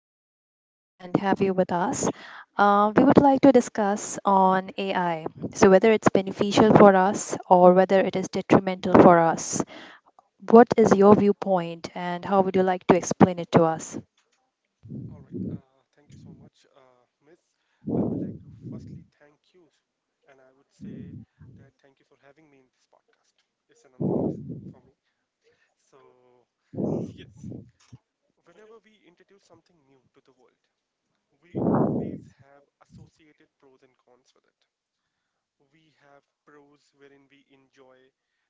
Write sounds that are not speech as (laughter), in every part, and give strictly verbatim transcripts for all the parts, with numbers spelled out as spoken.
pleasure to meet you and have you with us. Uh, we would like to discuss on A I, so whether it's beneficial for us or whether it is detrimental for us. What is your viewpoint and how would you like to explain it to us? All right. Uh, thank you so much, uh, Miss. I would like to firstly thank you, and I would say that thank you for having me in this podcast. It's an honor f- for me. So, yes, whenever we introduce something new to the world, we always have associated pros and cons with it. We have pros wherein we enjoy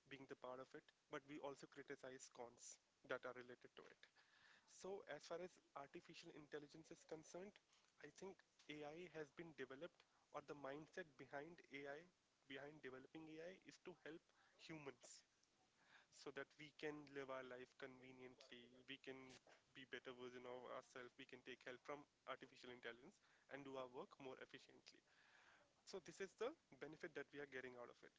being the part of it, but we also criticize cons that are related to it. So, as far as artificial intelligence is concerned, I think A I has been developed, or the mindset behind A I, behind developing A I, is to help humans so that we can live our life conveniently, we can be better version of ourselves, we can take help from artificial intelligence and do our work more efficiently. So this is the benefit that we are getting out of it.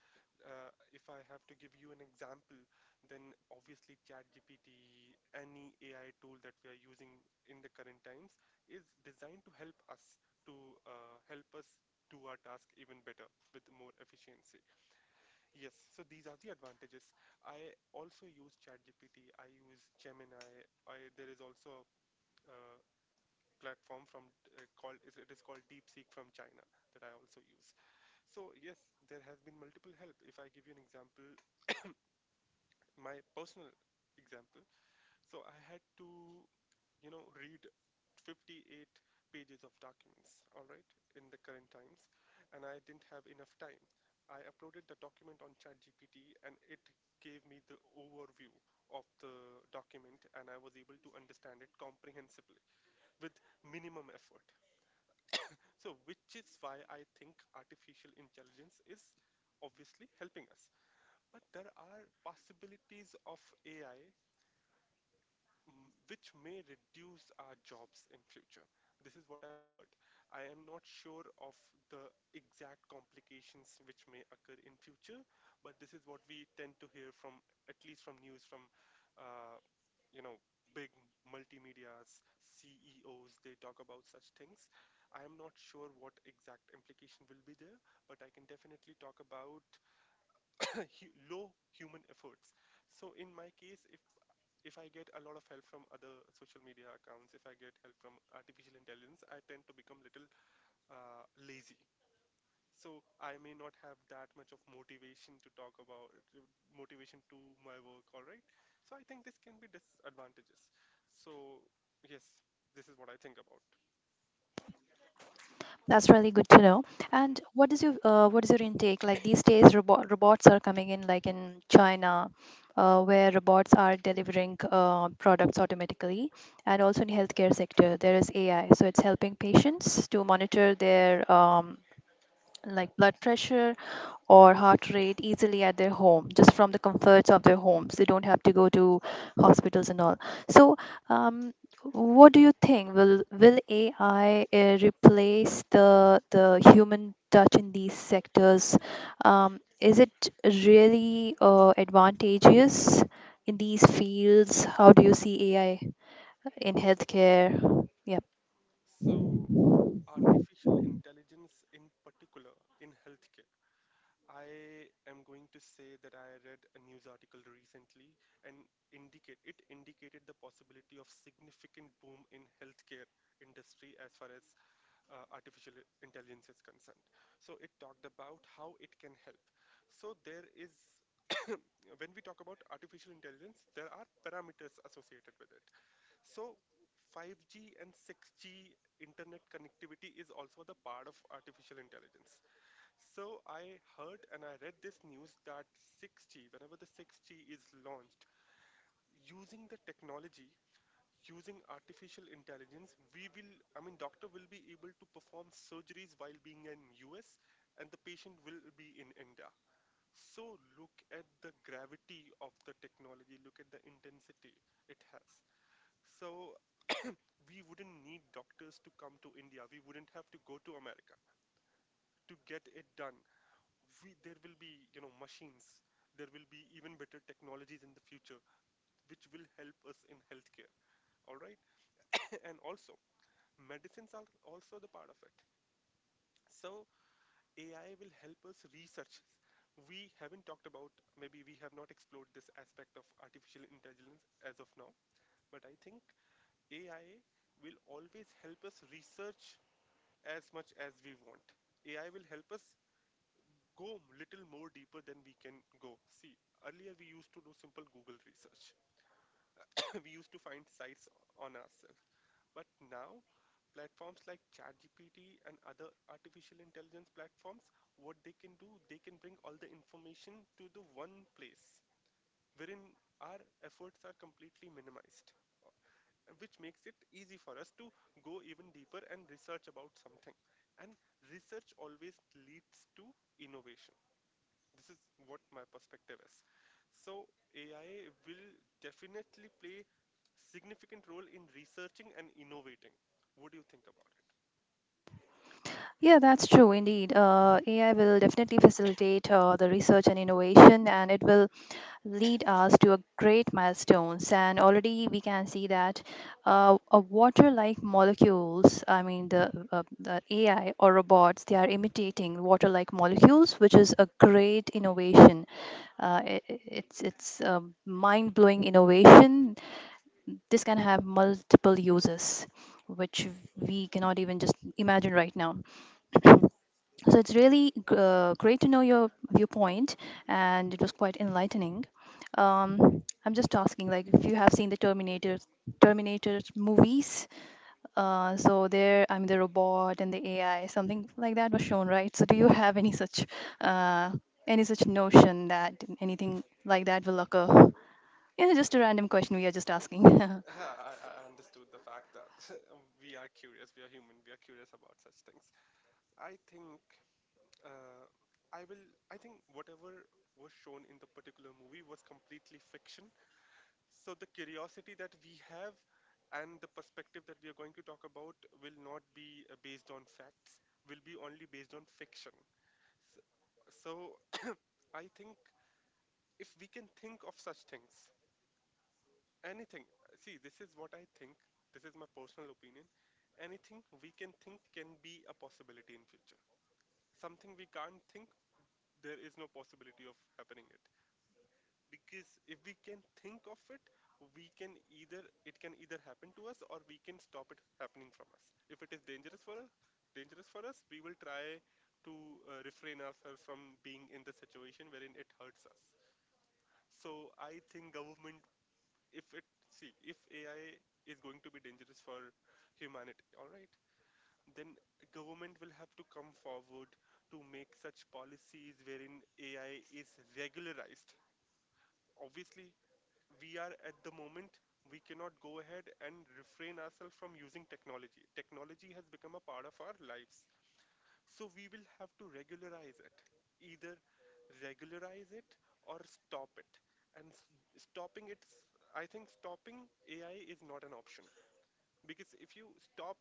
Uh, if I have to give you an example, then obviously ChatGPT, any A I tool that we are using in the current times is designed to help us to uh, help us do our task even better with more efficiency. Yes, so these are the advantages. I also use ChatGPT. I use Gemini. I There is also a uh, platform from uh, called it is called DeepSeek from China that I also use. So yes, there has been multiple help. If I give you an example, my personal example, so I had to, you know, read fifty-eight pages of documents, all right, in the current times, and I didn't have enough time. I uploaded the document on ChatGPT and it gave me the overview of the document and I was able to understand it comprehensively with minimum effort. So, which is why I think artificial intelligence is obviously helping us. But there are possibilities of A I mm, which may reduce our jobs in future. This is what I've heard. I am not sure of the exact complications which may occur in future, but this is what we tend to hear from at least from news from uh, you know big multimedia's C E Os they talk about such things. I am not sure what exact implication will be there, but I can definitely talk about hu- low human efforts. So in my case, if if I get a lot of help from other social media accounts, if I get help from artificial intelligence, I tend to become little uh, lazy. So I may not have that much of motivation to talk about motivation to my work. All right. So I think this can be disadvantages. So yes, this is what I think about. That's really good to know. Mm. And what is your uh, what is your intake like these days? Robot, robots are coming in, like in China, uh, where robots are delivering uh, products automatically, and also in healthcare sector there is A I, so it's helping patients to monitor their um, like blood pressure or heart rate easily at their home, just from the comforts of their homes. They don't have to go to hospitals and all. So, um, what do you think? Will will A I uh, replace the the human touch in these sectors? Um, is it really uh, advantageous in these fields? How do you see A I in healthcare? Yep. So artificial intelligence in particular in healthcare. I am going to say that I read a news article recently and indicate it indicated the possibility of significant boom in healthcare industry as far as uh, artificial i- intelligence is concerned. So it talked about how it can help. So there is when we talk about artificial intelligence, there are parameters associated with it. So five G and six G internet connectivity is also the part of artificial intelligence. So I heard and I read this news that six G, whenever the six G is launched, using the technology, using artificial intelligence, we will, I mean, doctor will be able to perform surgeries while being in U S and the patient will be in India. So look at the gravity of the technology, look at the intensity it has. So we wouldn't need doctors to come to India. We wouldn't have to go to America to get it done. We, there will be, you know, machines. There will be even better technologies in the future, which will help us in healthcare. All right. (laughs) And also, medicines are also the part of it. So, A I will help us research. We haven't talked about, maybe we have not explored this aspect of artificial intelligence as of now, but I think A I will always help us research as much as we want. A I will help us go little more deeper than we can go. See, earlier we used to do simple Google research. (coughs) (laughs) We used to find sites on ourselves. But now, platforms like ChatGPT and other artificial intelligence platforms, what they can do, they can bring all the information to the one place wherein our efforts are completely minimized, which makes it easy for us to go even deeper and research about something. And research always leads to innovation. This is what my perspective is. So A I will definitely play significant role in researching and innovating. What do you think about it? Yeah, that's true indeed. Uh, A I will definitely facilitate uh, the research and innovation, and it will lead us to a great milestones, and already we can see that uh, a water like molecules, i mean the, uh, the AI or robots, they are imitating water like molecules, which is a great innovation. Uh, i i- it's it's a mind blowing innovation. This can have multiple uses which we cannot even just imagine right now. So it's really gr- uh, great to know your viewpoint, and it was quite enlightening. Um, I'm just asking, like, if you have seen the Terminator Terminator movies, uh, so there, I mean, the robot and the A I, something like that was shown, right? So do you have any such uh, any such notion that anything like that will occur? Yeah, just a random question we are just asking. (laughs) (laughs) Yeah, I, I understood the fact that (laughs) we are curious, we are human, we are curious about such things. I think uh, I will. I think whatever was shown in the particular movie was completely fiction. So the curiosity that we have and the perspective that we are going to talk about will not be uh, based on facts, will be only based on fiction. So, so I think if we can think of such things, anything, see, this is what I think, this is my personal opinion. Anything we can think can be a possibility in future. Something we can't think, there is no possibility of happening it, because if we can think of it, we can either, it can either happen to us or we can stop it happening from us if it is dangerous for us. Dangerous for us we will try to uh, refrain ourselves from being in the situation wherein it hurts us. So I think government, if it, see, if AI is going to be dangerous for humanity, all right, then government will have to come forward to make such policies wherein AI is regularized. Obviously, we, are at the moment, we cannot go ahead and refrain ourselves from using technology. Technology has become a part of our lives, so we will have to regularize it. Either regularize it or stop it. and s- Stopping it, I think stopping AI is not an option, because if you stop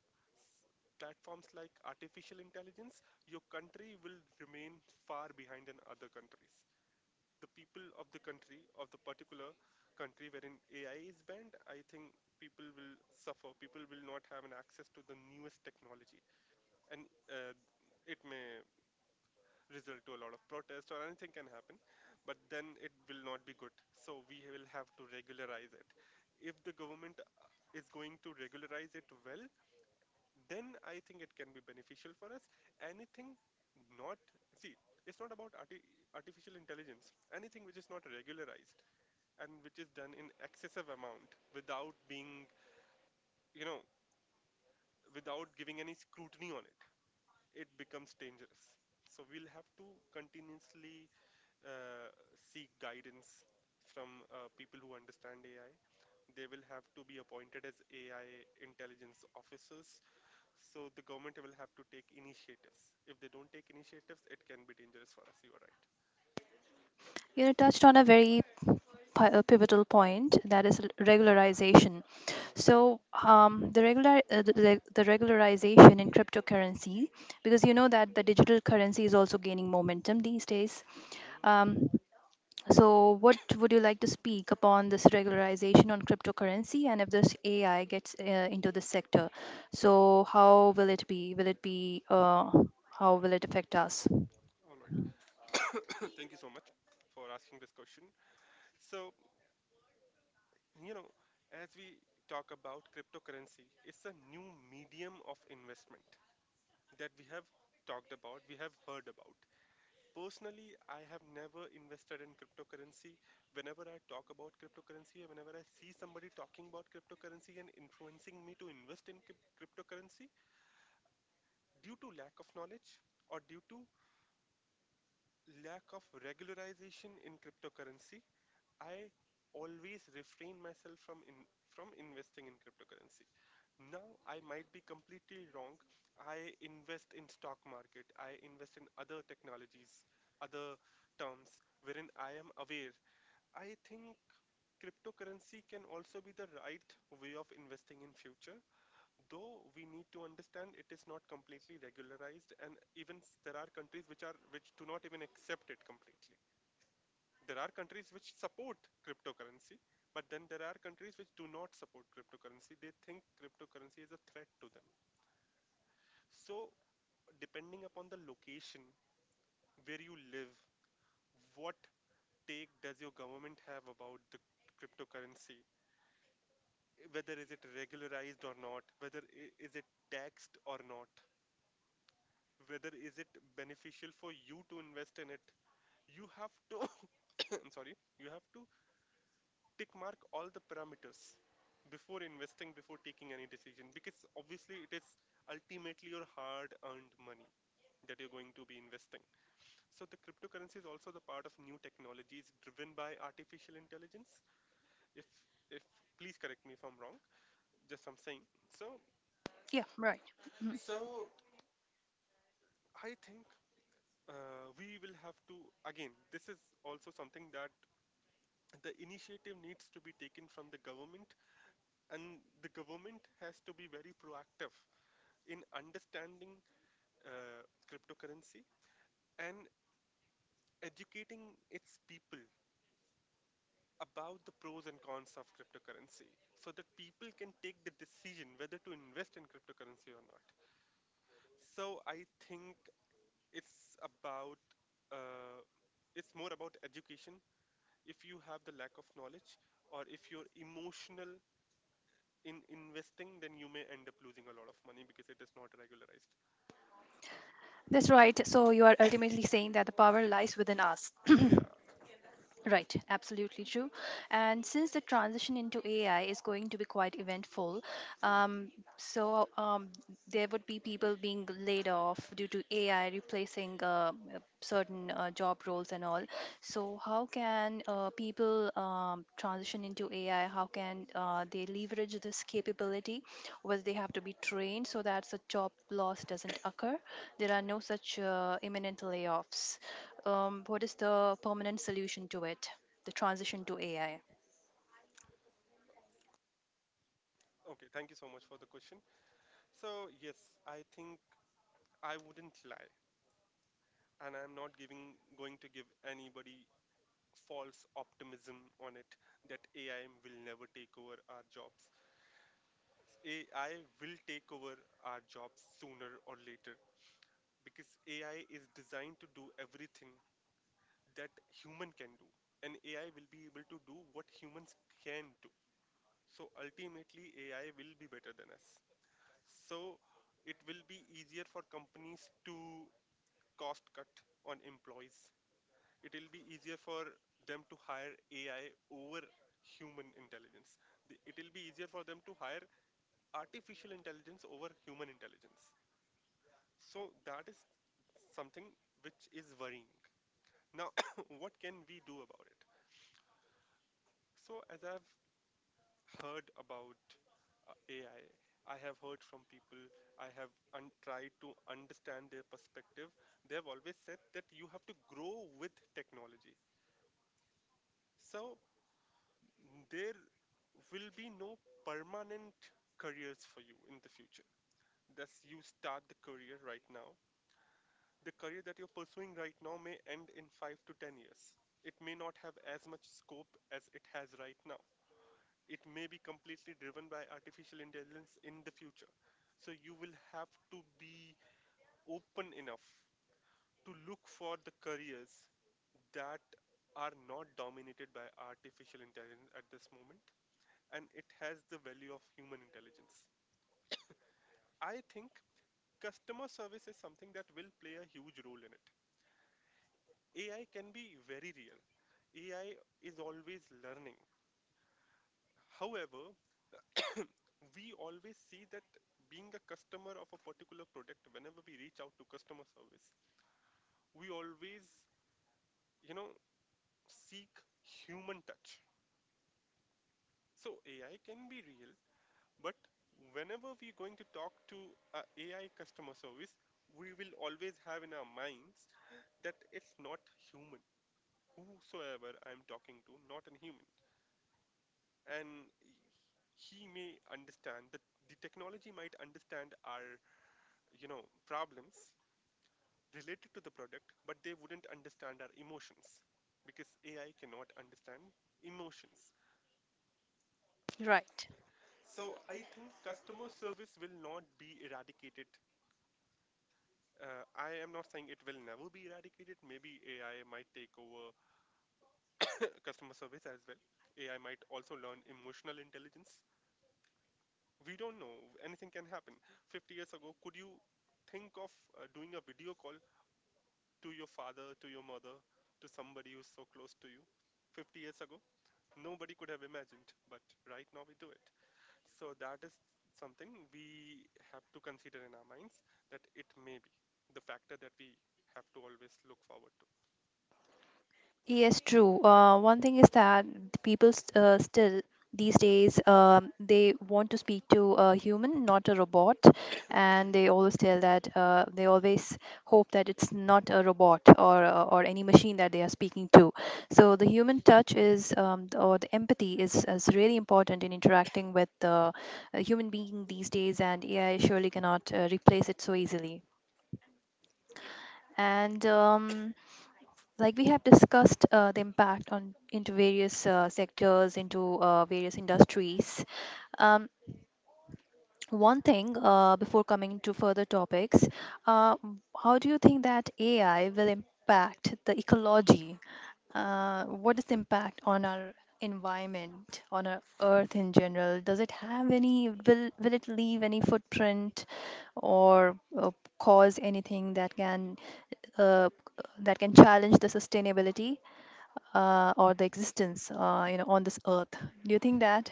s- platforms like artificial intelligence, your country will remain far behind in other countries. The people of the country, of the particular country wherein A I is banned, I think people will suffer. People will not have an access to the newest technology, and uh, it may result to a lot of protest or anything can happen. But then it will not be good. So we will have to regularize it. If the government is going to regularize it well, then I think it can be beneficial for us. Anything, not, see, it's not about arti- artificial intelligence, anything which is not regularized and which is done in excessive amount without being, you know, without giving any scrutiny on it, it becomes dangerous. So we'll have to continuously uh, seek guidance from uh, people who understand AI. They will have to be appointed as AI intelligence officers. So the government will have to take initiatives. If they don't take initiatives, it can be dangerous for us. You are right. You touched on a very pi- uh, pivotal point, that Mhm, is regularization. mhm, So um, the regular uh, the, the the regularization in cryptocurrency, because you mhm, know that the digital currency is also gaining momentum these days. mhm, Um, so what would you like to speak upon this regularization on cryptocurrency, and if this A I gets uh, into the sector? mhm. So how will it be? Will it be uh, how will it affect us? All right. (coughs) Thank you so much for asking this question. So, you know, as we talk about cryptocurrency, it's a new medium of investment that we have talked about, we have heard about. Personally, I have never invested in cryptocurrency. Whenever I talk about cryptocurrency, or whenever I see somebody talking about cryptocurrency and influencing me to invest in cryp- cryptocurrency, due to lack of knowledge or due to lack of regularization in cryptocurrency, I always refrain myself from in, from investing in cryptocurrency. Now I might be completely wrong. I invest in stock market. I invest in other technologies, other terms wherein I am aware. I think cryptocurrency can also be the right way of investing in future, though we need to understand it is not completely regularized, and even s- there are countries which are which do not even accept it completely. There are countries which support cryptocurrency, but then there are countries which do not support cryptocurrency. They think cryptocurrency is a threat to them. So, depending upon the location where you live, what take does your government have about the cryptocurrency? Whether is it regularized or not, whether i- is it taxed or not, whether is it beneficial for you to invest in it, you have to, (coughs) I'm sorry, you have to tick mark all the parameters before investing, before taking any decision, because obviously it is ultimately your hard-earned money that you're going to be investing. So the cryptocurrency is also the part of new technologies driven by artificial intelligence. If if please correct me if I'm wrong, just I'm saying. So Yeah, right. Mhm. so I think uh, we will have to again. This is also something that the initiative needs to be taken from the government, and the government has to be very proactive in understanding uh, cryptocurrency and educating its people about the pros and cons of cryptocurrency so that people can take the decision whether to invest in cryptocurrency or not. So I think it's about uh, it's more about education. If you have the lack of knowledge or if you're emotional in investing, then you may end up losing a lot of money because it is not regularized. That's right. So you are ultimately saying that the power lies So, within us. (clears throat) yeah. Right, absolutely true. And since the transition into A I is going to be quite eventful, Mhm. um, so um, there would be people being laid off due to A I replacing uh, uh, certain uh, job roles and all. So, how can uh, people um, transition into A I? How can uh, they leverage this capability? Well, they have to be trained so that the job loss doesn't occur. There are no such uh, imminent layoffs. Um, what is the permanent solution to it? The transition to A I. Okay, thank you so much for the question. So, yes, I think I wouldn't lie. And I'm not giving going to give anybody false optimism on it that A I will never take over our jobs. A I will take over our jobs sooner or later because A I is designed to do everything that human can do, and A I will be able to do what humans can do. So ultimately A I will be better than us. So it will be easier for companies to cost cut on employees. It will be easier for them to hire A I over human intelligence. The- It will be easier for them to hire artificial intelligence over human intelligence. So that is something which is worrying. Now, (coughs) what can we do about it? So, as I've heard about uh, A I, I I have heard from people, I have un- tried to understand their perspective. They have always said that you have to grow with technology. So, there will be no permanent careers for you in the future. Thus, you start the career right now. The career that you're pursuing right now may end in five to ten years. It may not have as much scope as it has right now. It may be completely driven by artificial intelligence in the future. So, you will have to be open enough to look for the careers that are not dominated by artificial intelligence at this moment, and it has the value of human intelligence. I think customer service is something that will play a huge role in it. A I can be very real. A I is always learning. However, we always see that being a customer of a particular product, whenever we reach out to customer service, we always, you know, seek human touch. So A I can be real, but whenever we're going to talk to a AI customer service, we will always have in our minds that it's not human. Whosoever I'm talking to, not a human. And he may understand that the technology might understand our, you know, problems related to the product, but they wouldn't understand our emotions because A I cannot understand emotions. Right. So I think customer service will not be eradicated. Uh, I am not saying it will never be eradicated. Maybe A I might take over uh, customer service as well. A I might also learn emotional intelligence. We don't know, anything can happen. fifty years ago, could you think of uh, doing a video call to your father, to your mother, to somebody who's so close to you? fifty years ago, nobody could have imagined, but right now we do it. So that is something we have to consider in our minds, that it may be the factor that we have to always look forward to. Yes, true. Uh, one thing is that the people st- uh, still these days um, they want to speak to a human, not a robot, and they always tell that uh, they always hope that it's not a robot or uh, or any machine that they are speaking to. So the human touch is um, or the empathy is, is really important in interacting with uh, a human being these days, and A I surely cannot uh, replace it so easily. And um, like we have discussed uh, the impact on into various uh, sectors, into uh, various industries, um, one thing, uh, before coming to further topics, uh, m- how do you think that AI will impact the ecology? Uh, what is the impact on our environment, on our earth in general? Does it have any, will will it leave any footprint, or uh, cause anything that can uh, that can challenge the sustainability uh, or the existence uh, you know on this earth? Do you think that?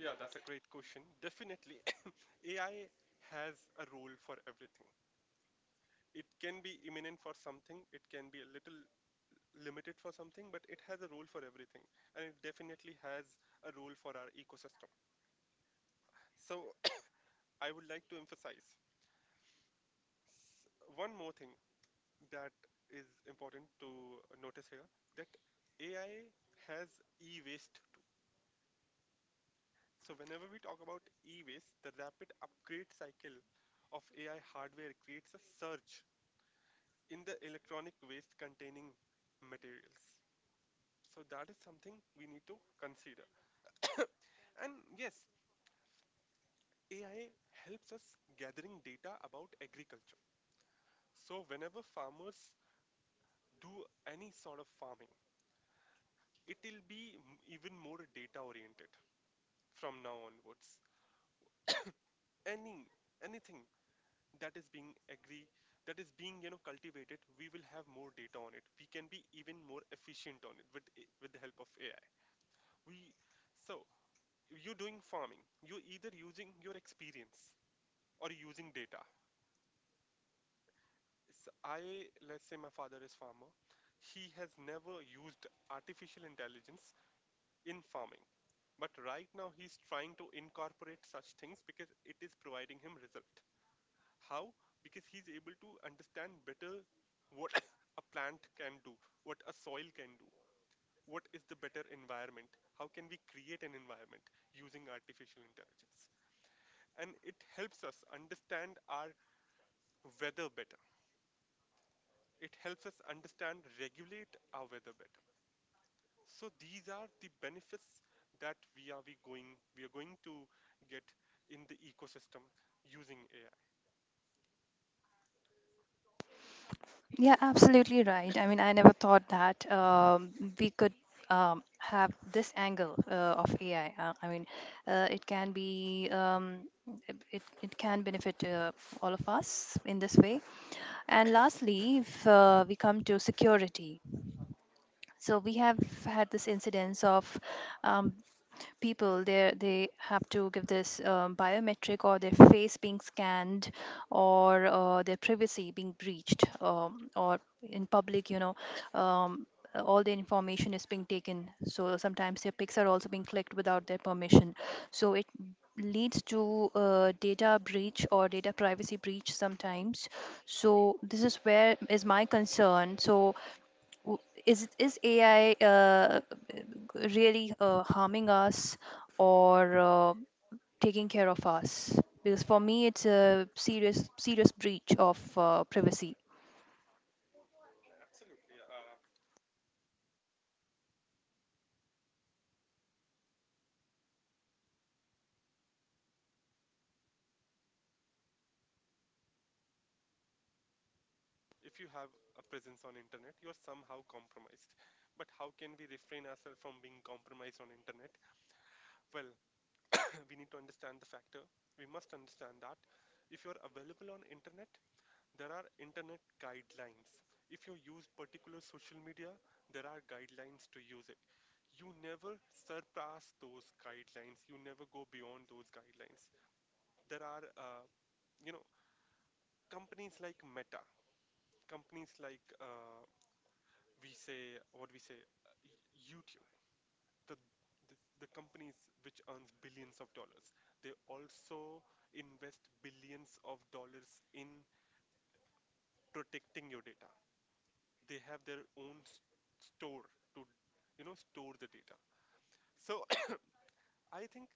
Yeah, that's a great question, definitely. (coughs) ai has a role for everything. It can be imminent for something, it can be a little limited for something, but it has a role for everything, and it definitely has a role for our ecosystem. So, I would like to emphasize s- one more thing that is important to notice here, that A I has e waste too. So, whenever we talk about e waste, the rapid upgrade cycle of A I hardware creates a surge in the electronic waste containing materials. So, that is something we need to consider. And yes, A I helps us gathering data about agriculture. So whenever farmers do any sort of farming, it will be m- even more data oriented from now onwards. Any anything that is being agri that is being you know cultivated, we will have more data on it. We can be even more efficient on it with a- with the help of A I. We so you're doing farming. You're either using your experience or using data. s- I, let's say my father is farmer. He has never used artificial intelligence in farming. But right now he's trying to incorporate such things because it is providing him result. How? Because he's able to understand better what (laughs) (coughs) a plant can do, what a soil can do, what is the better environment, how can we create an environment using artificial intelligence. And it helps us understand our weather better. It helps us understand, regulate our weather better. So these are the benefits that we are we going we are going to get in the ecosystem using A I. Yeah, absolutely right. I mean, I never thought that um, we could um, have this angle uh, of AI. Uh, i mean uh, it can be, um, it, it can benefit uh, all of us in this way. And lastly, if uh, we come to security, so we have had this incidence of, um, people, they they have to give this um, biometric, or their face being scanned, or uh, their privacy being breached, um, or in public, you know, um, all the information is being taken, so sometimes their pics are also being clicked without their permission, so it leads to uh, data breach or data privacy breach sometimes. So this is where is my concern. So w- is is AI uh, really uh, harming us, or uh, taking care of us? Because for me it's a serious serious breach of uh, privacy. If you have a presence on internet, you are somehow compromised. But how can we refrain ourselves from being compromised on internet? Well, (coughs) (clears throat) we need to understand the factor. We must understand that if you are available on internet, there are internet guidelines. If you use particular social media, there are guidelines to use it. You never surpass those guidelines. You never go beyond those guidelines. There are, uh, you know, companies like Meta, companies like uh, we say what we say, uh, y- YouTube. The the, the companies which earns billions of dollars, they also invest billions of dollars in protecting your data. They have their own s- store to, you know, store the data. So (coughs) I think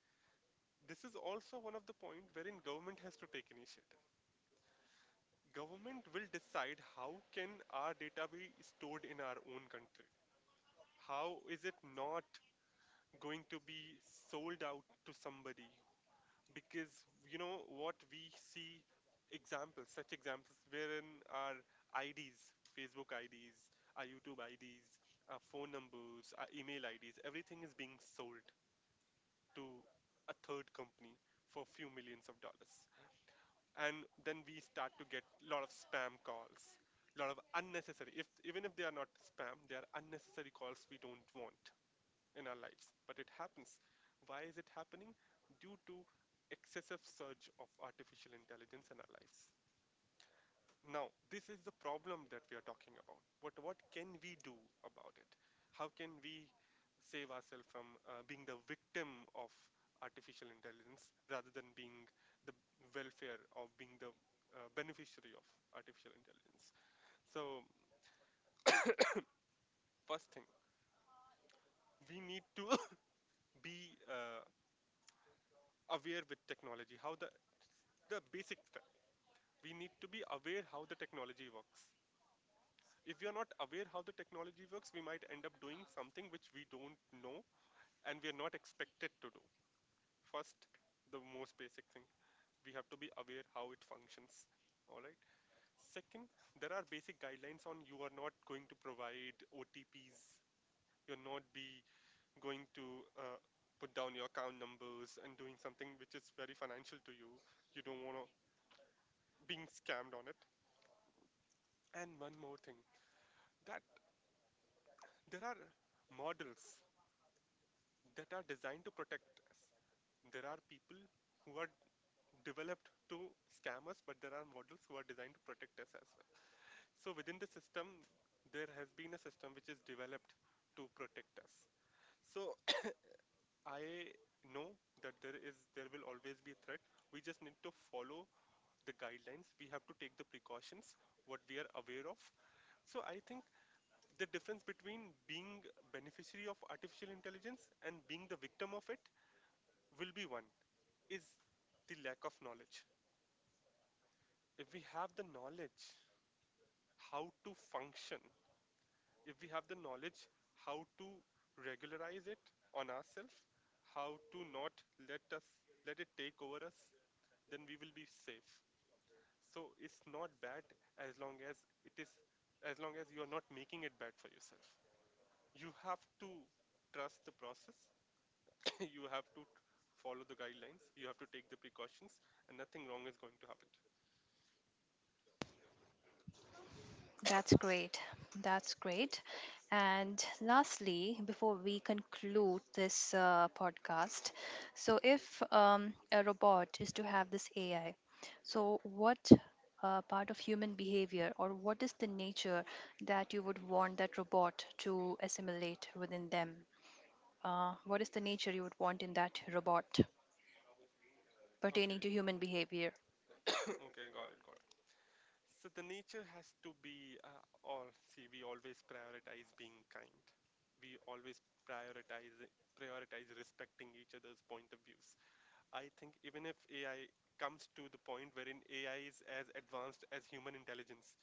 this is also one of the point wherein government has to take initiative. Government will decide how can our data be stored in our own country, how is it not going to be sold out to somebody, because you know what we see examples, such examples wherein our I Ds, Facebook I Ds, our YouTube I Ds, our phone numbers, our email I Ds, everything is being sold to a third company for few millions of dollars, and then we start to get a lot of spam calls, lot of unnecessary, if even if they are not spam, they are unnecessary calls we don't want in our lives, but it happens. Why is it happening? Due to excessive surge of artificial intelligence in our lives. Now, this is the problem that we are talking about. What what can we do about it? How can we save ourselves from uh, being the victim of artificial intelligence rather than being the welfare of being the uh, beneficiary of artificial intelligence? So, first thing, we need to (laughs) (coughs) be uh, aware with technology, how the the basic we need to be aware how the technology works. If we are not aware how the technology works, we might end up doing something which we don't know and we are not expected to do. First, the most basic thing, we have to be aware how it functions. All right. Second, there are basic guidelines on you are not going to provide O T Ps. You're not be going to uh, put down your account numbers and doing something which is very financial to you. You don't want to being scammed on it. And one more thing, that there are models that are designed to protect us. There are people who are developed to scam us, but there are models who are designed to protect us as well. So within the system, there has been a system which is developed to protect us. So I know that there is there will always be a threat. We just need to follow the guidelines. We have to take the precautions what we are aware of. So I think the difference between being beneficiary of artificial intelligence and being the victim of it will be one is the lack of knowledge. If we have the knowledge how to function, if we have the knowledge how to regularize it on ourselves, how to not let us let it take over us, then we will be safe. So it's not bad as long as it is as long as you are not making it bad for yourself. You have to trust the process. (coughs) you have to follow the guidelines. You have to take the precautions, and nothing wrong is going to happen. That's great. That's great. And lastly, before we conclude this uh, podcast, so if um, a robot is to have this A I, so what uh, part of human behavior, or what is the nature that you would want that robot to assimilate within them? uh, what is the nature you would want in that robot pertaining Okay, to human behavior. Okay, got it, got it. So the nature has to be uh, all. See, we always prioritize being kind. We always prioritize prioritize respecting each other's point of views. I think even if A I comes to the point wherein A I is as advanced as human intelligence,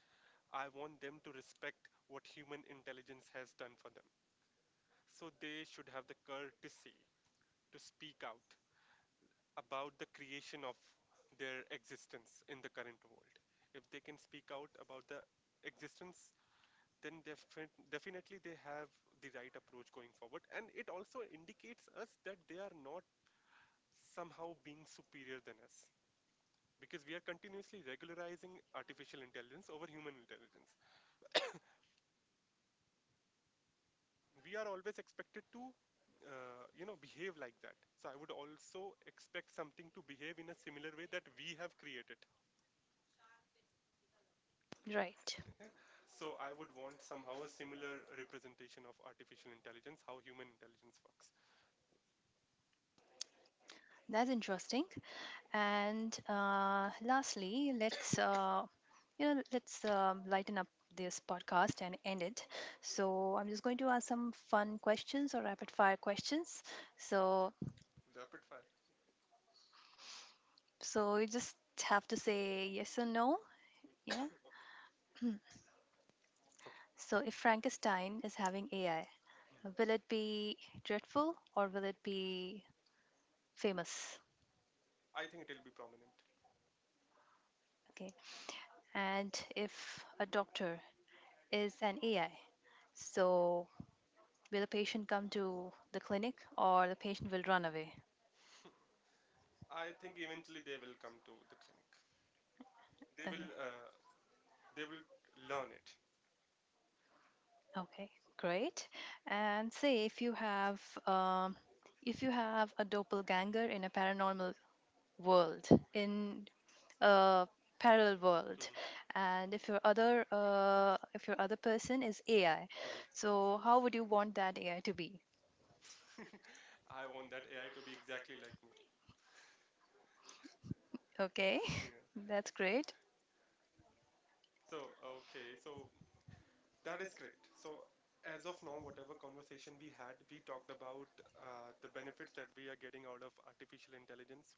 I want them to respect what human intelligence has done for them. So they should have the courtesy to speak out about the creation of their existence in the current world. If they can speak out about the existence, then defi- definitely they have the right approach going forward. And it also indicates us that they are not somehow being superior than us because we are continuously regularizing artificial intelligence over human intelligence. We are always expected to uh, you know behave like that, so I would also expect something to behave in a similar way that we have created. Right, So I would want somehow a similar representation of artificial intelligence, how human intelligence works. that's interesting. And uh, lastly, let's uh, you know let's um, lighten up this podcast and end it. So I'm just going to ask some fun questions, or rapid fire questions. So Rapid fire. so you just have to say yes or no. Yeah. Okay. So if Frankenstein is having A I, Mm. will it be dreadful, or will it be famous? I think it'll be prominent. Okay. And if a doctor is an A I, so will a patient come to the clinic, or the patient will run away? I think eventually they will come to the clinic. They Uh, will, Will uh, uh, They will learn it? Okay, great. And say if you have um, if you have a doppelganger in a paranormal world, in a parallel world, Hmm. and if your other uh, if your other person is A I, Hmm. so how would you want that A I to be? (laughs) I want that A I to be exactly like me. (laughs) Okay, (laughs) Yeah. that's great. So okay, so that is great. So as of now, whatever conversation we had, we talked about uh, the benefits that we are getting out of artificial intelligence.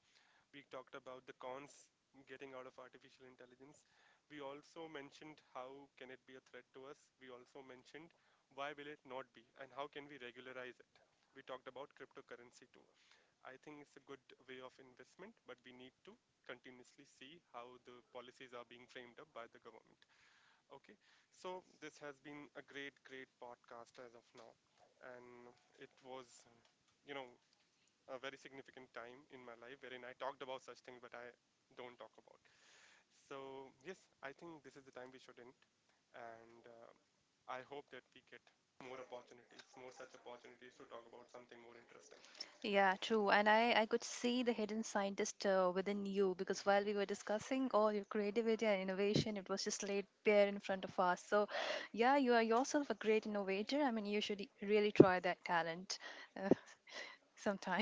We talked about the cons getting out of artificial intelligence. We also mentioned how can it be a threat to us. We also mentioned why will it not be and how can we regularize it. We talked about cryptocurrency too. I think it's a good way of investment, but we need to continuously see how the policies are being framed up by the government. Okay, so this has been a great, great podcast as of now, and it was, you know, a very significant time in my life wherein I talked about such things but I don't talk about. So, yes, I think this is the time we should end. And uh, I hope that we get more opportunities, more such opportunities to talk about something more interesting. Yeah, true. Mm. And I, I could see the hidden scientist uh, within you, because while we were (laughs) discussing, all your creativity and innovation, it was just laid bare in front of us. So, yeah, you are yourself a great innovator. I mean, you should really try that talent, uh, (laughs) sometime.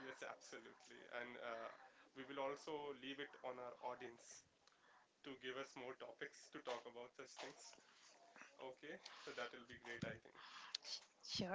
Yes, absolutely. And uh, we will also leave it on our audience to give us more topics to talk about such things. Okay, so that will be great, I think. (laughs) Sh- Sure.